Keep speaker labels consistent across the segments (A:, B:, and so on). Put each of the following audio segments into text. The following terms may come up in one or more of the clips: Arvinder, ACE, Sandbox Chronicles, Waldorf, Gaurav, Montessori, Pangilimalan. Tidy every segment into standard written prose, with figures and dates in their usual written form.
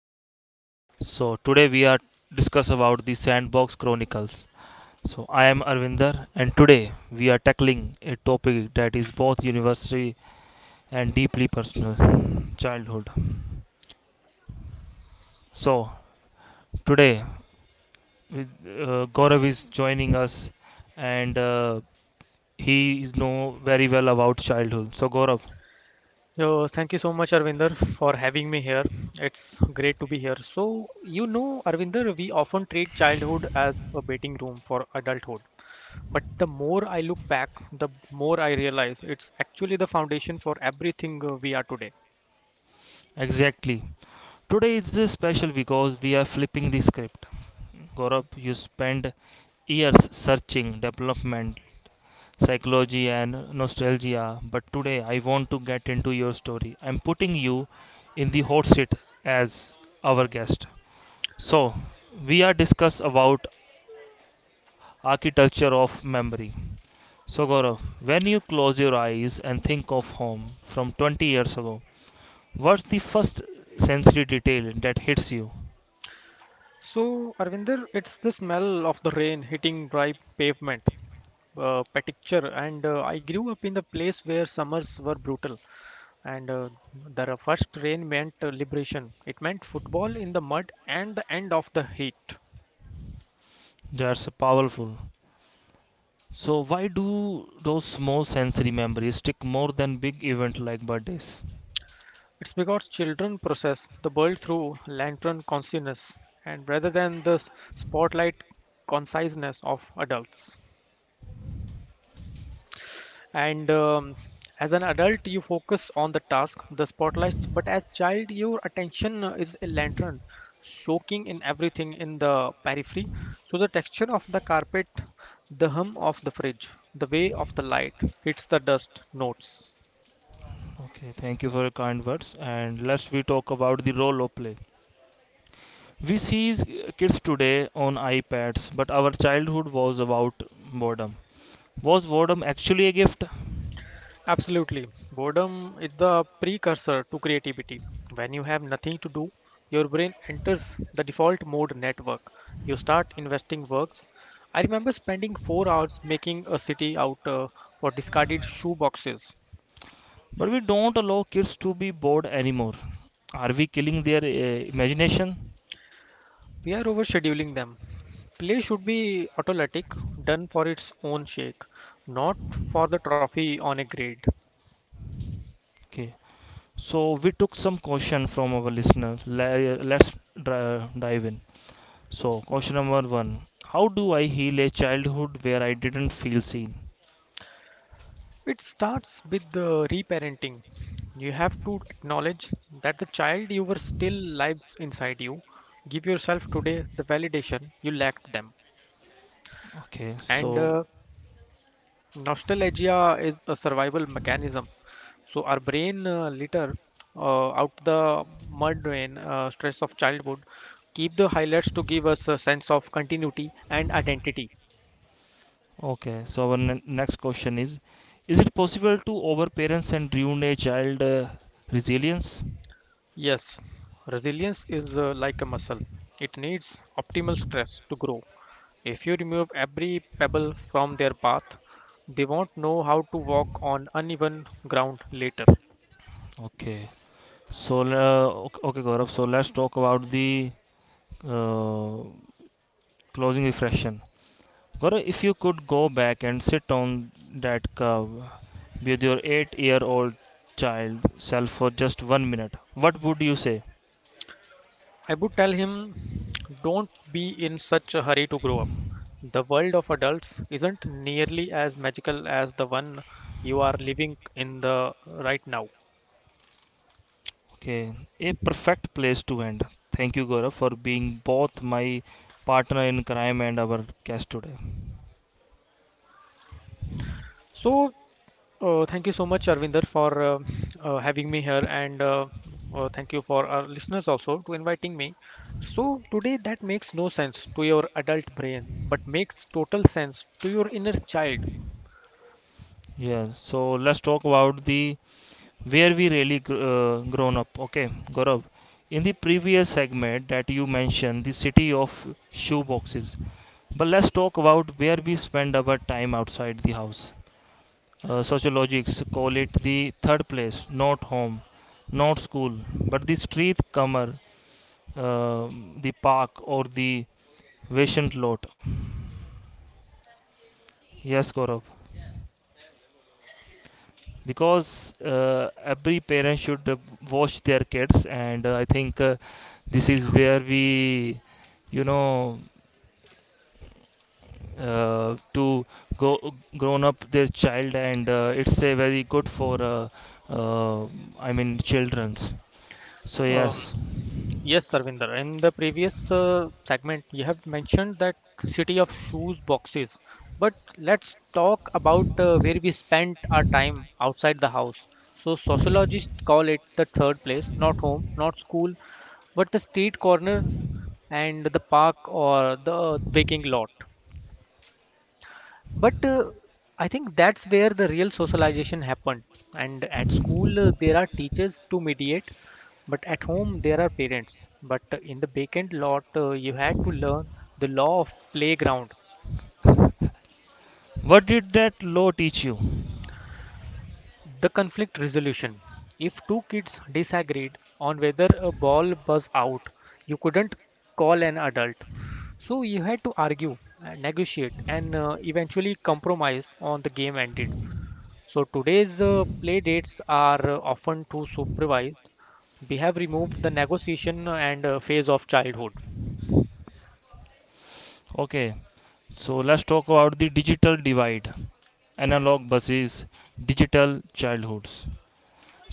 A: podcast. So today we are discuss about the Sandbox Chronicles. So I am Arvinder and today we are tackling a topic that is both university and deeply personal, childhood. So today with, Gaurav is joining us and he is know very well about childhood. So Gaurav,
B: So thank you so much, Arvinder, for having me here. It's great to be here. Arvinder, we often treat childhood as a waiting room for adulthood. But the more I look back, the more I realize it's actually the foundation for everything we are today.
A: exactly. Today is special because we are flipping the script. Gaurav, you spend years searching development, psychology, and nostalgia, but today I want to get into your story. I'm putting you in the hot seat as our guest. So, we are discuss about architecture of memory. So, Gaurav, when you close your eyes and think of home from 20 years ago, what's the first sensory detail that hits you?
B: So Arvinder, it's the smell of the rain hitting dry pavement, picture, and I grew up in the place where summers were brutal and the first rain meant liberation. It meant football in the mud and the end of the heat.
A: That's powerful. So why do those small sensory memories stick more than big event like birthdays?
B: It's because children process the world through lantern consciousness and rather than the spotlight conciseness of adults. And As an adult you focus on the task, the spotlight, but as child your attention is a lantern, soaking in everything in the periphery, so the texture of the carpet, the hum of the fridge, the way of the light hits the dust notes.
A: Okay, thank you for your kind words. And let's we talk about the role of play. We see kids today on iPads, but our childhood was about boredom. Was boredom actually a gift?
B: Absolutely. Boredom is the precursor to creativity. When you have nothing to do, your brain enters the default mode network. You start investing works. I remember spending 4 hours making a city out for discarded shoe boxes.
A: But we don't allow kids to be bored anymore. Are we killing their imagination?
B: We are overscheduling them. Play should be autolytic, done for its own sake, not for the trophy on a grade.
A: Okay, so we took some question from our listener. Let's dive in. So, question number one: How do I heal a childhood where I didn't feel seen?
B: It starts with the reparenting. You have to acknowledge that the child you were still lives inside you. Give yourself today the validation you lacked them.
A: Okay,
B: And
A: so
B: uh, nostalgia is a survival mechanism. So our brain litter out the mud and stress of childhood. Keep the highlights to give us a sense of continuity and identity.
A: okay, so our next question is: Is it possible to over parents and ruin a child resilience?
B: Yes, resilience is like a muscle. It needs optimal stress to grow. If you remove every pebble from their path, they won't know how to walk on uneven ground later.
A: Okay, so okay, Gaurav, so let's talk about the uh, closing reflection. Gaurav, if you could go back and sit on that curve with your 8-year old child self for just 1 minute, what would you say?
B: I would tell him, don't be in such a hurry to grow up. The world of adults isn't nearly as magical as the one you are living in the right now.
A: Okay, a perfect place to end. Thank you, Gaurav, for being both my partner in crime and our guest today.
B: So Thank you so much, Arvinder, for having me here, and thank you for our listeners also to inviting me. So today that makes no sense to your adult brain, but makes total sense to your inner child.
A: Yes, yeah, so let's talk about the where we really grown up. Okay, Gaurav, in the previous segment that you mentioned, the city of shoeboxes. But let's talk about where we spend our time outside the house. Sociologists call it the third place, not home, not school, but the street comer, uh, the park or the vacant lot. Yes, Gaurav, because every parent should watch their kids and I think this is where we you know to go grown up their child and it's a very good for uh, I mean children's so
B: Um,
A: yes,
B: yes, Arvinder. In the previous segment, you have mentioned that city of shoes boxes, but let's talk about where we spent our time outside the house. So sociologists call it the third place, not home, not school, but the street corner and the park or the baking lot. But I think that's where the real socialization happened. And at school, there are teachers to mediate, but at home, there are parents. But in the vacant lot, you had to learn the law of playground,
A: what did that law teach you?
B: the conflict resolution. If two kids disagreed on whether a ball was out, you couldn't call an adult. So you had to argue, negotiate, and eventually compromise on the game ended. So today's play dates are often too supervised. We have removed the negotiation and phase of childhood.
A: Okay, so let's talk about the digital divide, analog versus digital childhoods.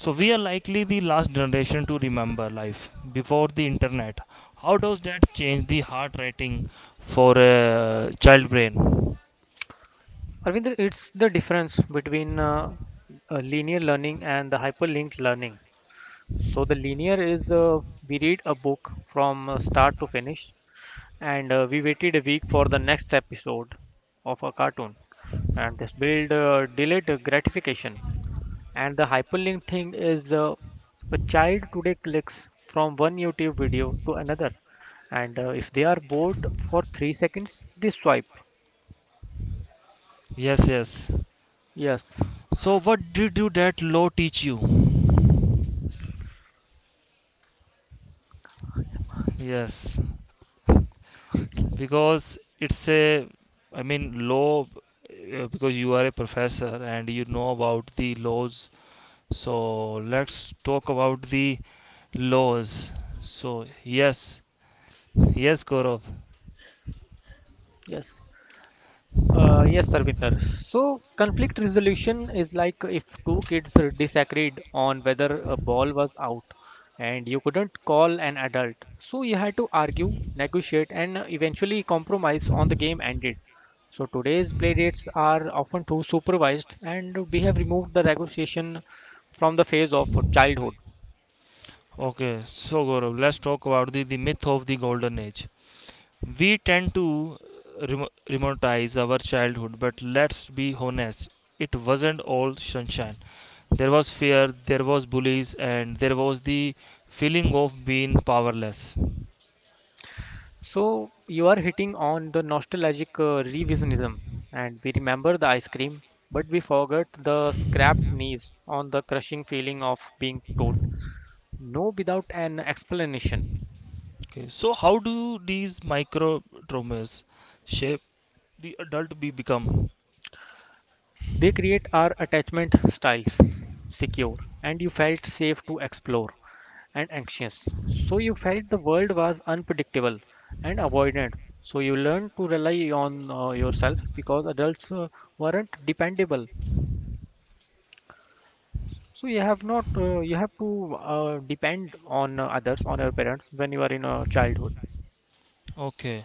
A: So we are likely the last generation to remember life before the internet. How does that change the heart rating for a child brain?
B: Arvind, it's the difference between linear learning and the hyperlinked learning. So the linear is we read a book from start to finish, and we waited a week for the next episode of a cartoon, and this build delayed gratification. And the hyperlink thing is a child today clicks from one YouTube video to another, and if they are bored for 3 seconds, they swipe.
A: Yes, yes.
B: Yes,
A: So what did you that law teach you? Yes, because it's a, I mean law, because you are a professor and you know about the laws. So let's talk about the laws. So yes, yes, Gaurav.
B: yes. Yes, Sarvinder. So, conflict resolution is like if two kids disagreed on whether a ball was out and you couldn't call an adult. So, you had to argue, negotiate, and eventually compromise on the game ended. So, today's playdates are often too supervised, and we have removed the negotiation from the phase of childhood.
A: Okay, so Gaurav, let's talk about the, myth of the golden age. We tend to remo romanticize our childhood, but let's be honest, it wasn't all sunshine. There was fear, there was bullies, and there was the feeling of being powerless.
B: So you are hitting on the nostalgic revisionism, and we remember the ice cream, but we forget the scrapped knees on the crushing feeling of being told no without an explanation.
A: Okay, so how do these micro traumas shape the adult we become?
B: They create our attachment styles: secure, and you felt safe to explore; and anxious, so you felt the world was unpredictable; and avoidant, so you learned to rely on yourself because adults weren't dependable. So you have not you have to depend on others on your parents when you are in a childhood.
A: Okay.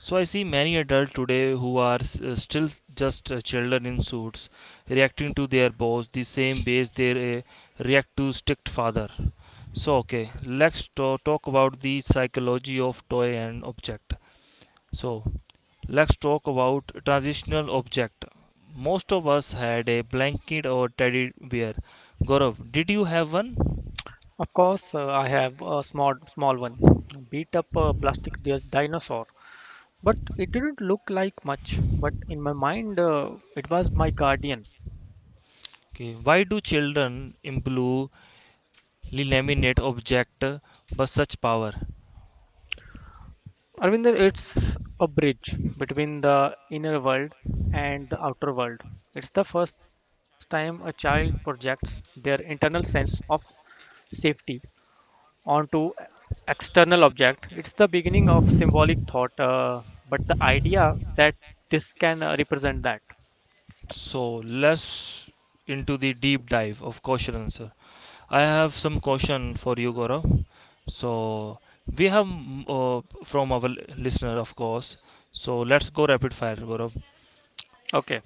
A: So I see many adults today who are still just children in suits, reacting to their boss the same ways they uh, react to strict father. So okay, let's talk about the psychology of toy and object. So let's talk about transitional object. Most of us had a blanket or teddy bear. Gaurav, did you have one?
B: Of course, I have a small one, beat up a plastic dinosaur, but it didn't look like much. But in my mind, it was my guardian.
A: Okay. Why do children improve laminate object with such power?
B: Arvinder, it's a bridge between the inner world and the outer world. It's the first time a child projects their internal sense of safety onto external object. It's the beginning of symbolic thought, but the idea that this can represent that.
A: So let's into the deep dive of question answer. I have some question for you, Gaurav. So we have from our listener, of course. So let's go rapid fire, Gaurav.
B: Okay.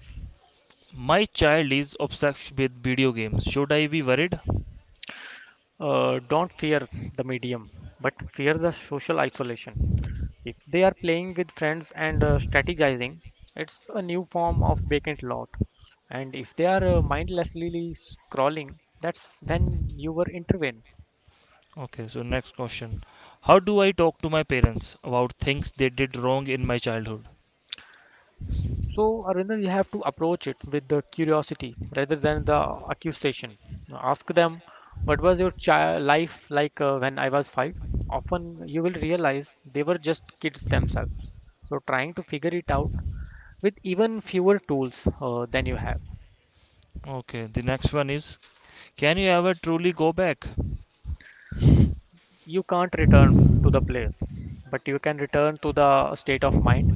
A: My child is obsessed with video games. Should I be worried?
B: Don't fear the medium but fear the social isolation. If they are playing with friends and strategizing, it's a new form of vacant lot. And if they are mindlessly scrolling, that's when you were intervene.
A: Okay. So next question: How do I talk to my parents about things they did wrong in my childhood?
B: So, Arvinder, you have to approach it with the curiosity rather than the accusation. Now, ask them, what was your child life like when I was 5? Often you will realize they were just kids themselves. So, trying to figure it out with even fewer tools than you have.
A: Okay. The next one is: Can you ever truly go back?
B: You can't return to the place, but you can return to the state of mind.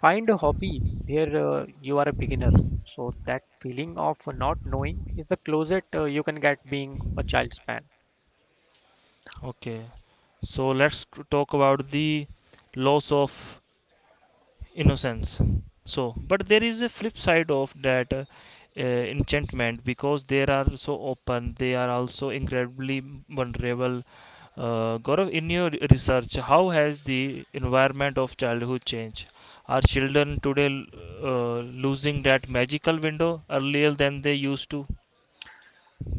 B: Find a hobby where you are a beginner. So, that feeling of not knowing is the closest you can get being a child's man.
A: Okay, so let's talk about the loss of innocence. So, but there is a flip side of that enchantment because they are so open, they are also incredibly vulnerable. Gaurav, in your research, how has the environment of childhood changed? Are children today uh, losing that magical window earlier than they used to?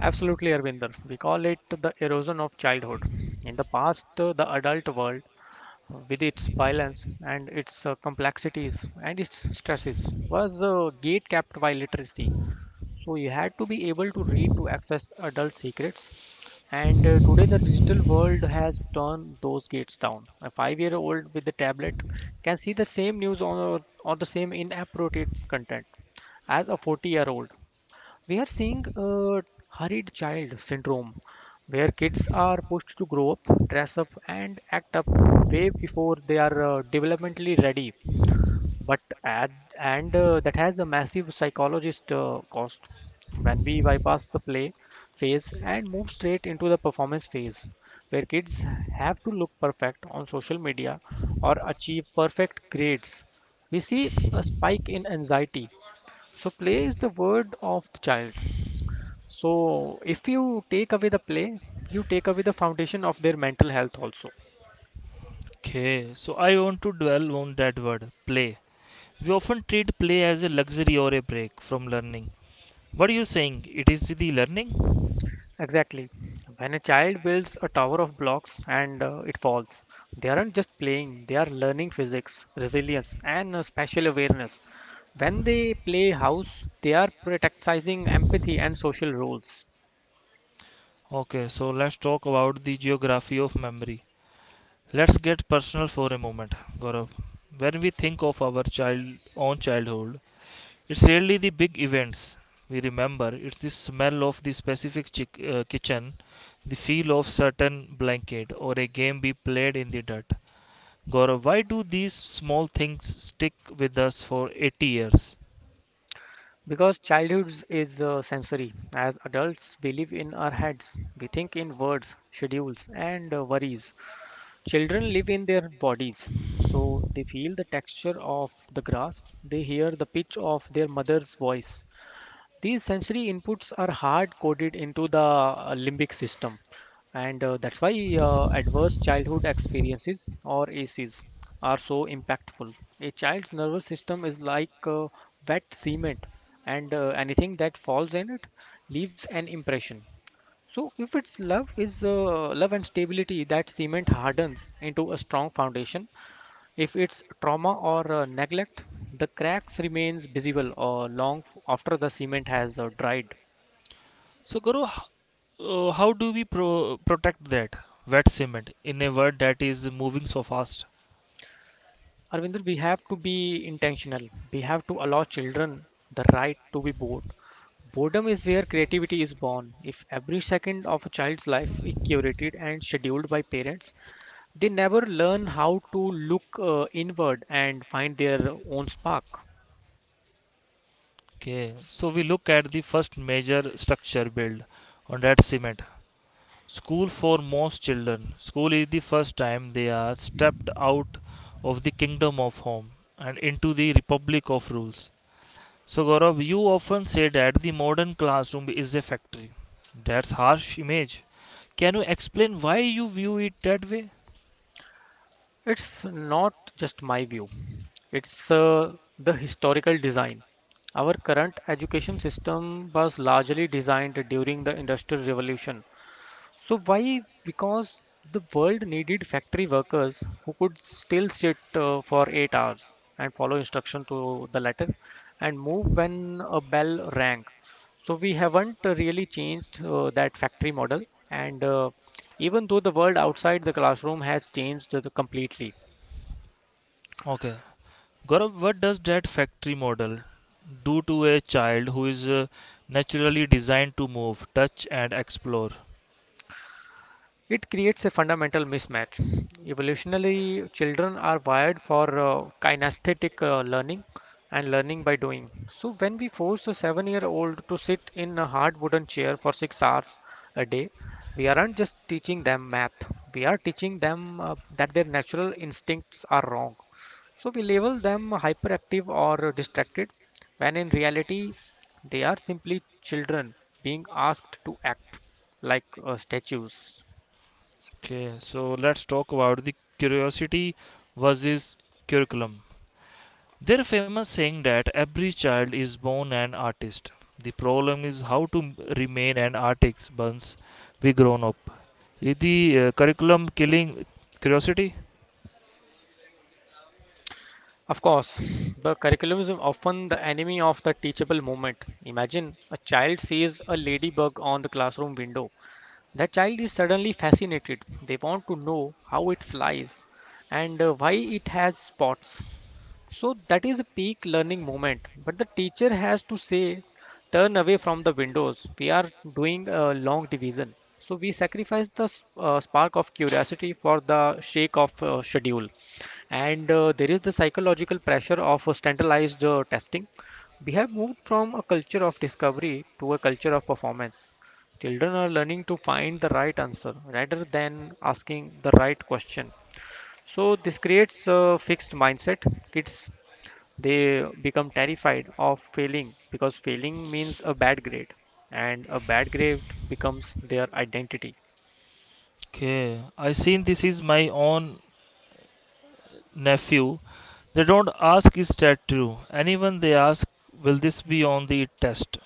B: Absolutely, Arvinder. We call it the erosion of childhood. In the past, the adult world, with its violence and its complexities and its stresses, was gate kept by literacy. So you had to be able to read to access adult secrets. And today, the digital world has turned those gates down. A five-year-old with a tablet can see the same news on or the same inappropriate content as a 40-year-old. We are seeing a hurried child syndrome where kids are pushed to grow up, dress up and act up way before they are developmentally ready, but at, and that has a massive psychologist cost. When we bypass the play phase and move straight into the performance phase where kids have to look perfect on social media or achieve perfect grades, we see a spike in anxiety. So play is the word of the child. So, if you take away the play, you take away the foundation of their mental health also.
A: Okay, so I want to dwell on that word play. We often treat play as a luxury or a break from learning. What are you saying? It is the learning?
B: Exactly. When a child builds a tower of blocks and it falls, they aren't just playing, they are learning physics, resilience, and spatial awareness. When they play house, they are practicing empathy and social roles.
A: Okay, so let's talk about the geography of memory. Let's get personal for a moment, Gaurav. When we think of our child own childhood, it's really the big events we remember. It's the smell of the specific kitchen, the feel of certain blanket, or a game we played in the dirt. Gaurav, why do these small things stick with us for 80 years?
B: Because childhood is sensory. As adults, we live in our heads. We think in words, schedules, and worries. Children live in their bodies, so they feel the texture of the grass, they hear the pitch of their mother's voice. These sensory inputs are hard coded into the limbic system, and that's why adverse childhood experiences or ACs are so impactful. A child's nervous system is like wet cement, and anything that falls in it leaves an impression. So if its love, it's love and stability, that cement hardens into a strong foundation. If it's trauma or neglect, the cracks remains visible long after the cement has dried.
A: So, Guru, how do we protect that wet cement in a world that is moving so fast?
B: Arvinder, we have to be intentional. We have to allow children the right to be bored. Boredom is where creativity is born. If every second of a child's life is curated and scheduled by parents, they never learn how to look inward and find their own spark.
A: Okay, so we look at the first major structure built on that cement. School for most children. School is the first time they are stepped out of the kingdom of home and into the republic of rules. So Gaurav, you often say that the modern classroom is a factory. That's harsh image. Can you explain why you view it that way?
B: It's not just my view. It's the historical design. Our current education system was largely designed during the Industrial Revolution. So why? Because the world needed factory workers who could still sit for 8 hours and follow instruction to the letter and move when a bell rang. So we haven't really changed that factory model, and even though the world outside the classroom has changed completely.
A: Okay, Gaurav, what does that factory model do to a child who is naturally designed to move, touch, and explore?
B: It creates a fundamental mismatch. Evolutionarily, children are wired for kinesthetic learning and learning by doing. So, when we force a 7 year old to sit in a hard wooden chair for 6 hours a day, we aren't just teaching them math, we are teaching them that their natural instincts are wrong. So, we label them hyperactive or distracted when in reality, they are simply children being asked to act like statues.
A: Okay, so let's talk about the curiosity versus curriculum. There's a famous saying that every child is born an artist. The problem is how to remain an artist once we grown up. Is the curriculum killing curiosity?
B: Of course, the curriculum is often the enemy of the teachable moment. Imagine a child sees a ladybug on the classroom window. That child is suddenly fascinated. They want to know how it flies and why it has spots. So that is the peak learning moment. But the teacher has to say, turn away from the windows. We are doing a long division. So we sacrifice the spark of curiosity for the shake of schedule. And There is the psychological pressure of standardized testing. We have moved from a culture of discovery to a culture of performance. Children are learning to find the right answer rather than asking the right question. So this creates a fixed mindset. Kids, they become terrified of failing because failing means a bad grade, and a bad grade becomes their identity.
A: Okay, I seen this is my own nephew. They don't ask is that true. Anyone they ask will this be on the test.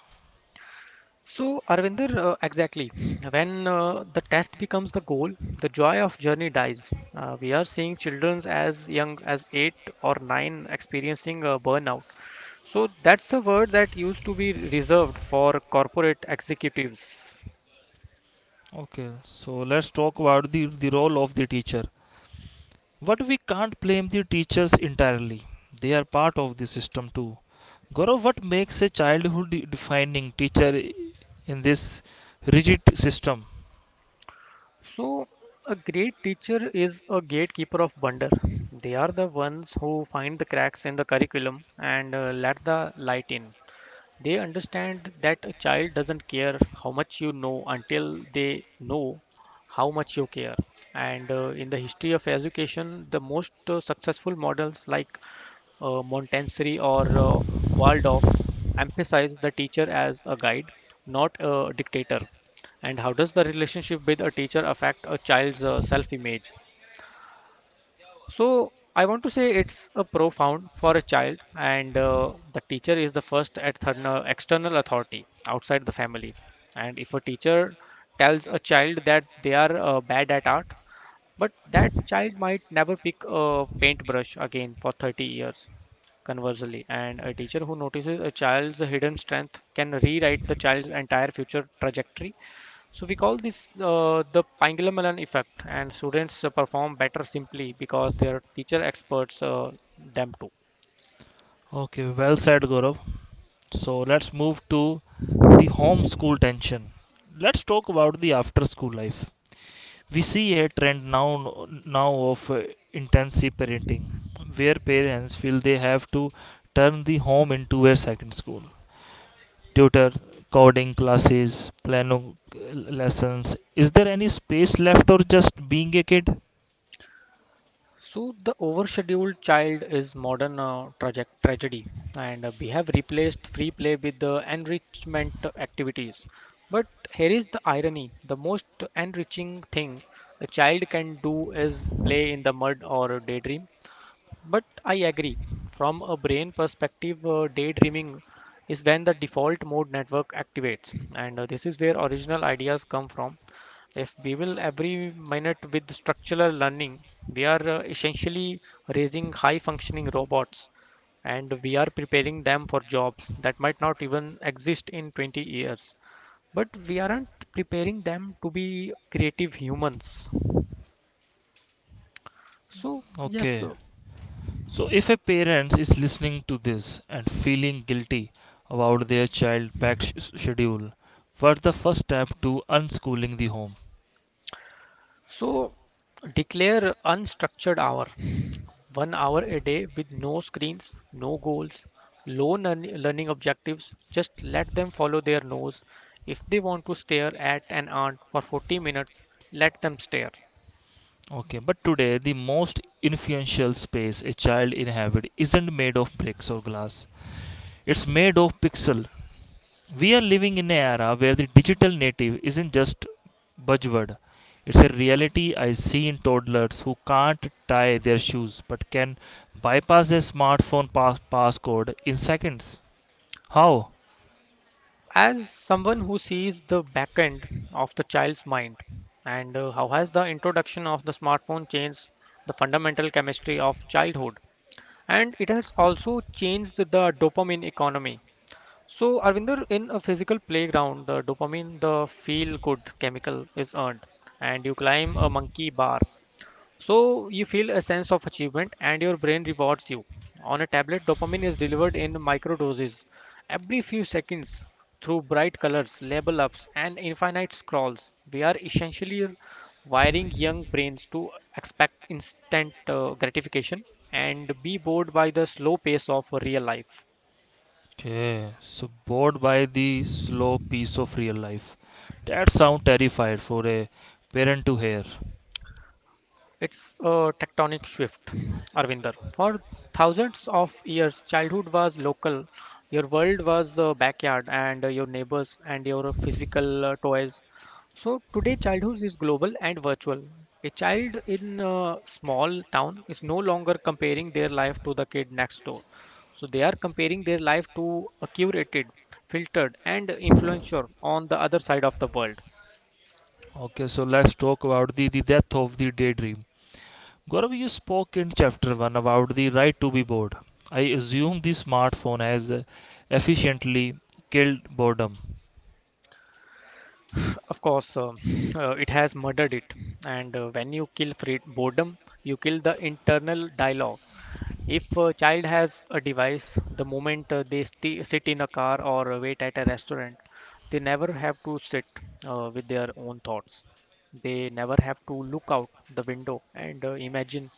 B: So Arvinder, exactly when the test becomes the goal, the joy of journey dies. We are seeing children as young as 8 or 9 experiencing a burnout. So that's a word that used to be reserved for corporate executives.
A: Okay, so let's talk about the, role of the teacher. But we can't blame the teachers entirely. They are part of the system too. Gaurav, what makes a childhood defining teacher in this rigid system?
B: So, a great teacher is a gatekeeper of wonder. They are the ones who find the cracks in the curriculum and let the light in. They understand that a child doesn't care how much you know until they know how much you care. And in the history of education, the most successful models, like Montessori or Waldorf, emphasize the teacher as a guide, not a dictator. And how does the relationship with a teacher affect a child's self image? So I want to say it's a profound for a child, and the teacher is the first external authority outside the family. And if a teacher tells a child that they are bad at art, but that child might never pick a paintbrush again for 30 years. Conversely, and a teacher who notices a child's hidden strength can rewrite the child's entire future trajectory. So we call this the Pangilimalan effect, and students perform better simply because their teacher experts them too.
A: Okay, well said, Gaurav. So let's move to the home school tension. Let's talk about the after school life. We see a trend now of intensive parenting, where parents feel they have to turn the home into a second school. Tutor, coding classes, piano uh, lessons. Is there any space left or just being a kid?
B: So the overscheduled child is modern tragedy, and we have replaced free play with the enrichment activities. But here is the irony: the most enriching thing a child can do is play in the mud or daydream. But I agree. From a brain perspective, daydreaming is when the default mode network activates, and this is where original ideas come from. If we will every minute with structural learning, we are essentially raising high functioning robots, and we are preparing them for jobs that might not even exist in 20 years. But we aren't preparing them to be creative humans. So, yes,
A: Okay. So if a parent is listening to this and feeling guilty about their child packed schedule, what's the first step to unschooling the home?
B: so declare unstructured hour, 1 hour a day with no screens, no goals, learning objectives. Just let them follow their nose. If they want to stare at an ant for 40 minutes, let them stare.
A: Okay, but today the most influential space a child inhabits isn't made of bricks or glass. It's made of pixel. We are living in an era where the digital native isn't just buzzword. It's a reality I see in toddlers who can't tie their shoes but can bypass their smartphone passcode in seconds. How?
B: As someone who sees the back end of the child's mind, and how has the introduction of the smartphone changed the fundamental chemistry of childhood? And it has also changed the dopamine economy. So, Arvinder, in a physical playground, the dopamine, the feel good chemical is earned, and you climb a monkey bar. So, you feel a sense of achievement and your brain rewards you. On a tablet, dopamine is delivered in micro doses every few seconds through bright colors, label ups, and infinite scrolls. We are essentially wiring young brains to expect instant gratification and be bored by the slow pace of real life.
A: Okay, so bored by the slow pace of real life. That sounds terrified for a parent to hear.
B: It's a tectonic shift, Arvinder. For thousands of years, childhood was local. Your world was the backyard and your neighbors and your physical toys. So today, childhood is global and virtual. A child in a small town is no longer comparing their life to the kid next door. So they are comparing their life to a curated, filtered, and influencer on the other side of the world.
A: Okay, so let's talk about the, death of the daydream. Gaurav, you spoke in chapter 1 about the right to be bored. I assume the smartphone has efficiently killed boredom.
B: Of course, it has murdered it. And when you kill free boredom, you kill the internal dialogue. If a child has a device, the moment they sti sit in a car or wait at a restaurant, they never have to sit with their own thoughts. They never have to look out the window and imagine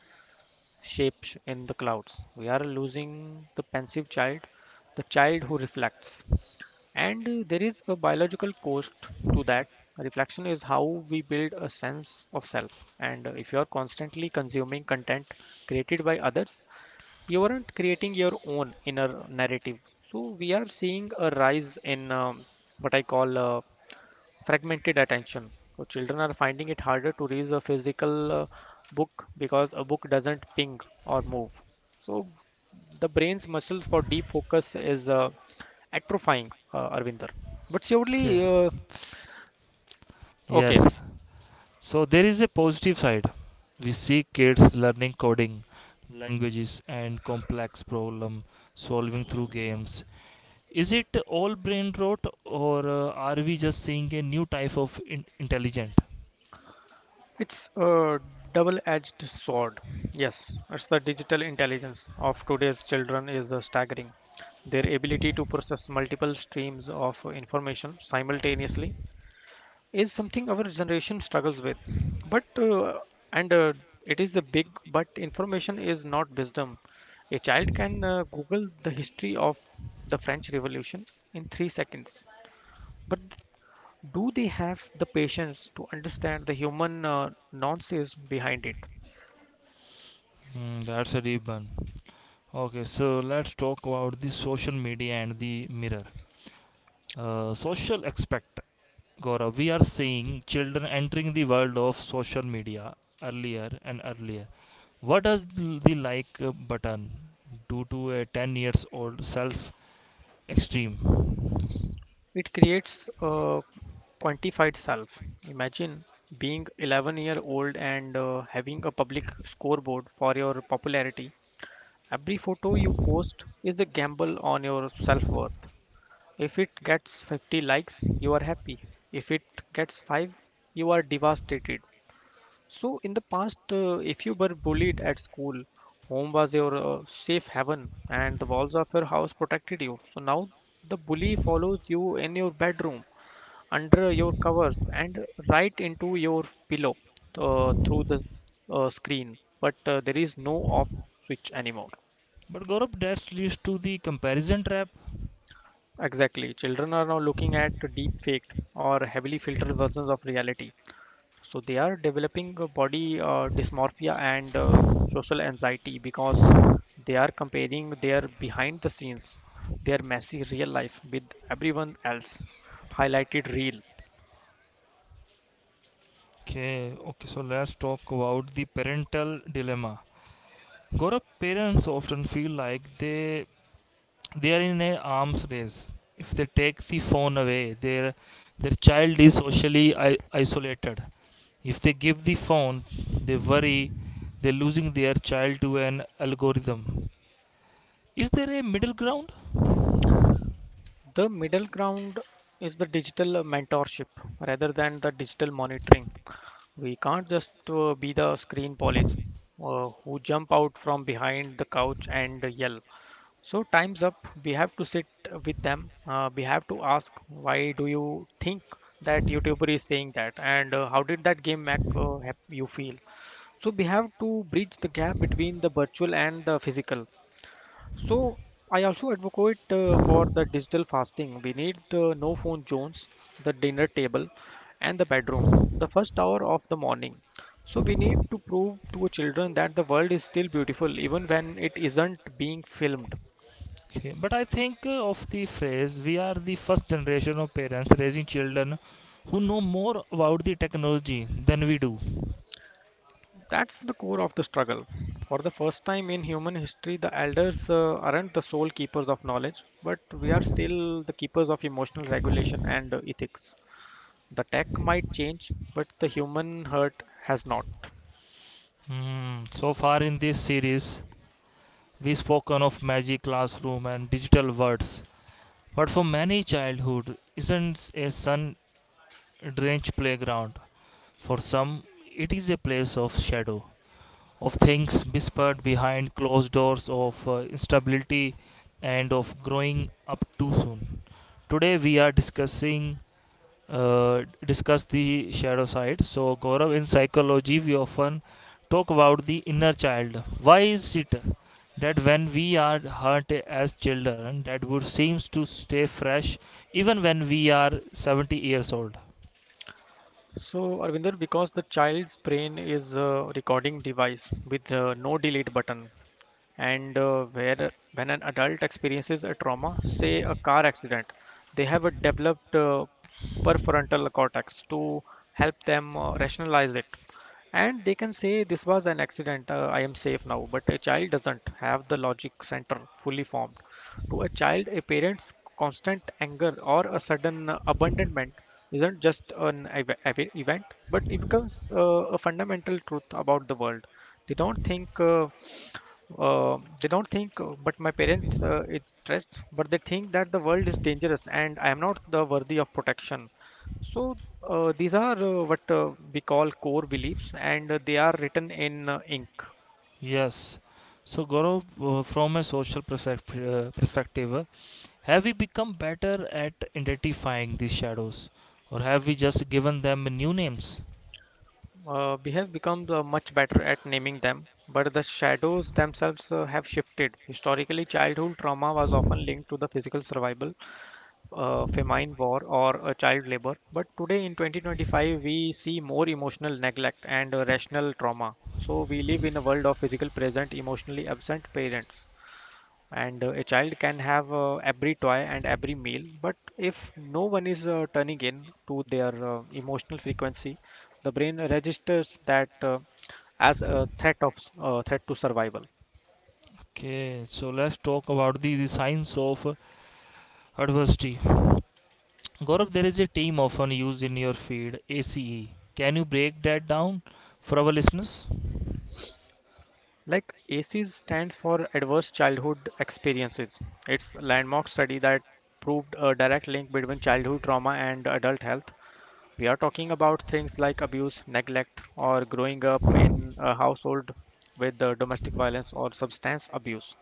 B: shapes in the clouds. We are losing the pensive child, the child who reflects. And there is a biological cost to that. Reflection is how we build a sense of self. And if you are constantly consuming content created by others, you aren't creating your own inner narrative. So we are seeing a rise in what I call fragmented attention. So children are finding it harder to read a physical book because a book doesn't ping or move. So the brain's muscles for deep focus is atrophying, Arvinder. But
A: Okay.
B: surely, okay,
A: Yes. So there is a positive side. We see kids learning coding, languages, and complex problem solving through games. Is it all brain rot, or are we just seeing a new type of intelligent?
B: it's a double-edged sword. Yes, it's the digital intelligence of today's children is staggering. Their ability to process multiple streams of information simultaneously is something our generation struggles with, but and it is the big but. Information is not wisdom. A child can google the history of the french revolution in 3 seconds, but do they have the patience to understand the human nonsense behind it?
A: Hmm, that's a deep one. Okay, so let's talk about the social media and the mirror. Social aspect, Gaurav. We are seeing children entering the world of social media earlier and earlier. What does the like button do to a 10 years old self extreme?
B: It creates a quantified self. Imagine being 11-year-old and having a public scoreboard for your popularity. Every photo you post is a gamble on your self worth. If it gets 50 likes, you are happy. If it gets 5, you are devastated. So, in the past, if you were bullied at school, home was your safe haven and the walls of your house protected you. So, now the bully follows you in your bedroom, under your covers, and right into your pillow through the screen. But there is no off switch anymore.
A: But Gaurav, that leads to the comparison trap.
B: Exactly. Children are now looking at deep faked or heavily filtered versions of reality. So they are developing a body dysmorphia and social anxiety because they are comparing their behind the scenes, their messy real life with everyone else highlighted real.
A: Okay, okay, so let's talk about the parental dilemma. Gaurav, parents often feel like they are in an arms race. If they take the phone away, their child is socially isolated. If they give the phone, they worry they're losing their child to an algorithm. Is there a middle ground?
B: The middle ground is the digital mentorship rather than the digital monitoring. We can't just be the screen police who jump out from behind the couch and yell, so time's up. We have to sit with them. We have to ask, why do you think that YouTuber is saying that, and how did that game make you feel? So we have to bridge the gap between the virtual and the physical. So I also advocate for the digital fasting. We need the no phone zones, the dinner table, and the bedroom. The first hour of the morning. So we need to prove to children that the world is still beautiful even when it isn't being filmed.
A: Okay, but I think of the phrase we are the first generation of parents raising children who know more about the technology than we do.
B: That's the core of the struggle. For the first time in human history, the elders aren't the sole keepers of knowledge, but we are still the keepers of emotional regulation and ethics. The tech might change, but the human heart has not.
A: Hmm, so far in this series, we've spoken of magic classroom and digital words. But for many, childhood isn't a sun drenched playground. For some, it is a place of shadow, of things whispered behind closed doors, of instability, and of growing up too soon. Today, we are discuss the shadow side. So, Gaurav, in psychology, we often talk about the inner child. Why is it that when we are hurt as children, that would seems to stay fresh even when we are 70 years old?
B: So, Arvinder, because the child's brain is a recording device with no delete button, and where when an adult experiences a trauma, say a car accident, they have a developed prefrontal cortex to help them rationalize it, and they can say this was an accident, I am safe now. But a child doesn't have the logic center fully formed. To a child, a parent's constant anger or a sudden abandonment isn't just an event, but it becomes a fundamental truth about the world. They don't think but my parents, it's stressed. But they think that the world is dangerous and I am not the worthy of protection. So these are what we call core beliefs, and they are written in ink.
A: Yes. So, Gaurav, from a social perspective, have we become better at identifying these shadows, or have we just given them new names?
B: We have become much better at naming them, but the shadows themselves have shifted. Historically, childhood trauma was often linked to the physical survival, famine, war, or a child labor. But today, in 2025, we see more emotional neglect and rational trauma. So we live in a world of physical present emotionally absent parents, and a child can have every toy and every meal. But if no one is turning in to their emotional frequency, the brain registers that as a threat to survival.
A: Okay, so let's talk about the, signs of adversity. Gaurav, there is a term often used in your field, ACE. Can you break that down for our listeners?
B: Like ACEs stands for Adverse Childhood Experiences. It's a landmark study that proved a direct link between childhood trauma and adult health. We are talking about things like abuse, neglect, or growing up in a household with domestic violence or substance abuse.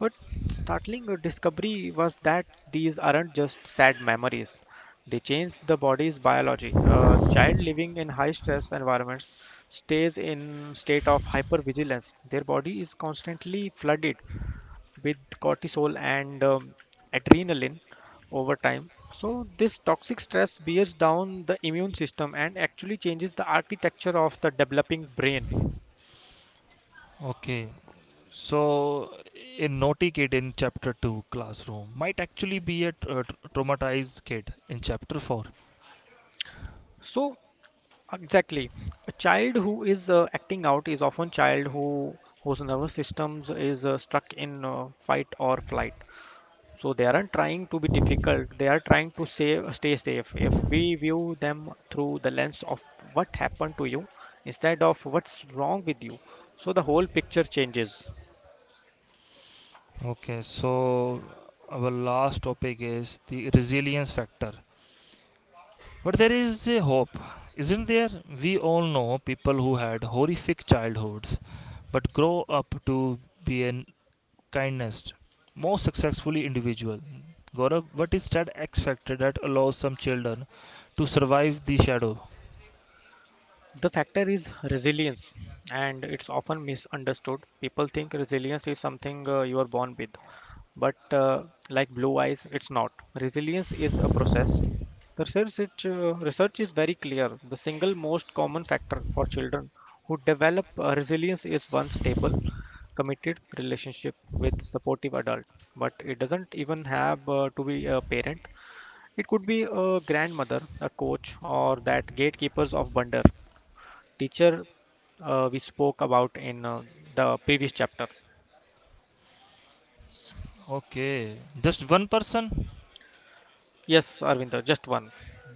B: But startling discovery was that these aren't just sad memories. They change the body's biology. A child living in high stress environments stays in state of hypervigilance. Their body is constantly flooded with cortisol and adrenaline over time. So, this toxic stress bears down the immune system and actually changes the architecture of the developing brain.
A: Okay. So, a naughty kid in chapter 2 classroom might actually be a traumatized kid in chapter 4.
B: So, exactly, a child who is acting out is often child whose nervous systems is stuck in fight or flight. So they aren't trying to be difficult. They are trying to save, stay safe. If we view them through the lens of what happened to you instead of what's wrong with you, so the whole picture changes.
A: Okay. So, our last topic is the resilience factor. But there is a hope, isn't there? We all know people who had horrific childhoods but grow up to be an kindness. Most successfully individual. Gaurav, what is that X factor that allows some children to survive the shadow?
B: The factor is resilience, and it's often misunderstood. People think resilience is something you are born with, but like blue eyes it's not. Resilience is a process. The research, research is very clear. The single most common factor for children who develop resilience is one stable committed relationship with supportive adult, but it doesn't even have to be a parent. It could be a grandmother, a coach, or that gatekeepers of wonder, teacher we spoke about in the previous chapter.
A: Okay, just one person?
B: Yes, Arvinder, just one.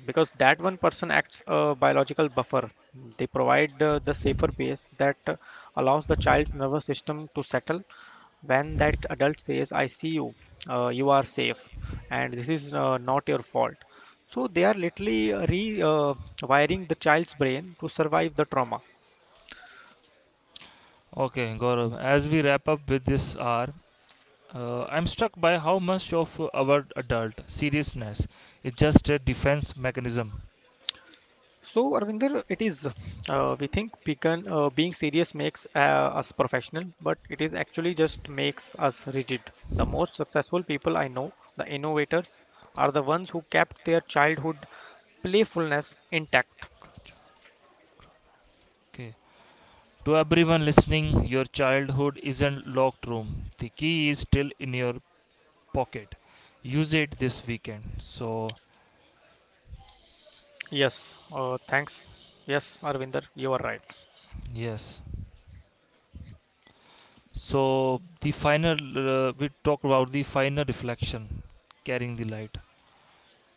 B: Because that one person acts a biological buffer. They provide the safer base that allows the child's nervous system to settle. When that adult says, I see you, you are safe, and this is not your fault. So they are literally re wiring the child's brain to survive the trauma.
A: Okay, Gaurav, as we wrap up with this hour, I'm struck by how much of our adult seriousness is just a defense mechanism.
B: So, Arvinder, it is, we think being serious makes us professional, but it is actually just makes us rigid. The most successful people I know, the innovators, are the ones who kept their childhood playfulness intact.
A: Okay. To everyone listening, your childhood isn't locked room. The key is still in your pocket. Use it this weekend. So,
B: Yes, thanks. Yes, Arvinder, you are right.
A: yes. So the final, we talked about the final reflection, carrying the light.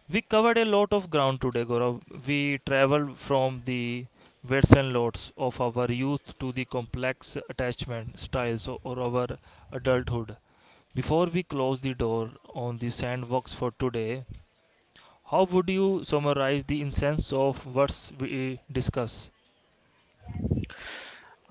A: We covered a lot of ground today, Gaurav. We traveled from the weights and loads of our youth to the complex attachment styles or our adulthood. Before we close the door on the sandbox for today, how would you summarize the essence of what we discuss?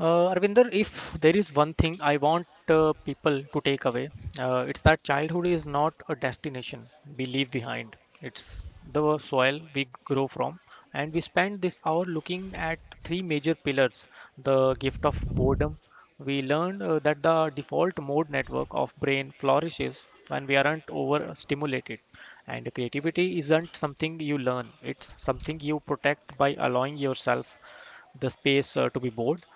B: Arvinder, if there is one thing I want people to take away, it's that childhood is not a destination we leave behind. It's the soil we grow from. And we spend this hour looking at three major pillars, the gift of boredom. We learned that the default mode network of brain flourishes when we aren't overstimulated. And creativity isn't something you learn, it's something you protect by allowing yourself the space to be bored.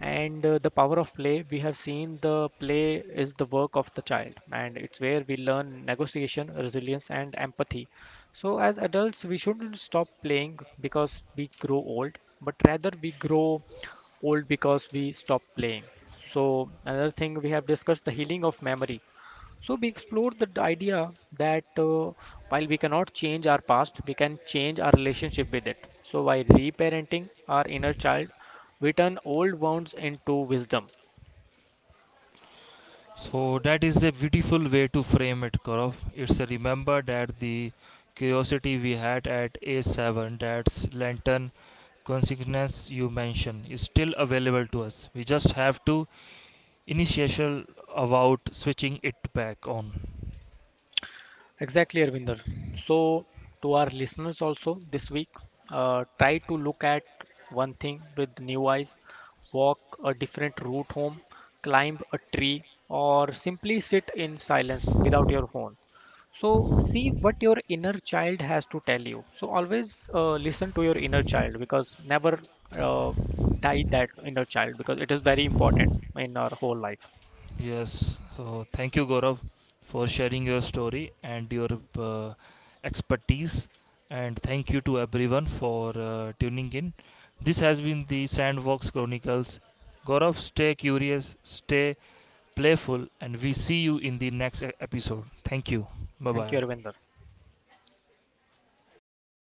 B: And the power of play, we have seen the play is the work of the child and it's where we learn negotiation, resilience and empathy. So as adults we shouldn't stop playing because we grow old, but rather we grow old because we stop playing. So another thing we have discussed, the healing of memory. So we explored the idea that while we cannot change our past, we can change our relationship with it. So by reparenting our inner child, we turn old wounds into wisdom.
A: So that is a beautiful way to frame it, Gaurav. It's a remember that the curiosity we had at A7, that's lantern consequence you mentioned, is still available to us. We just have to initial about switching it back on.
B: Exactly, Arvinder. So to our listeners also this week, try to look at one thing with new eyes, walk a different route home, climb a tree, or simply sit in silence without your phone. So see what your inner child has to tell you. So always listen to your inner child because never uh, die that inner child because it is very important in our whole life.
A: Yes, so thank you, Gaurav, for sharing your story and your uh, expertise. And thank you to everyone for tuning in. This has been the Sandbox Chronicles. Gaurav, stay curious, stay playful, and we see you in the next episode. Thank you. Bye
B: Thank you,
A: bye.
B: Arvinder.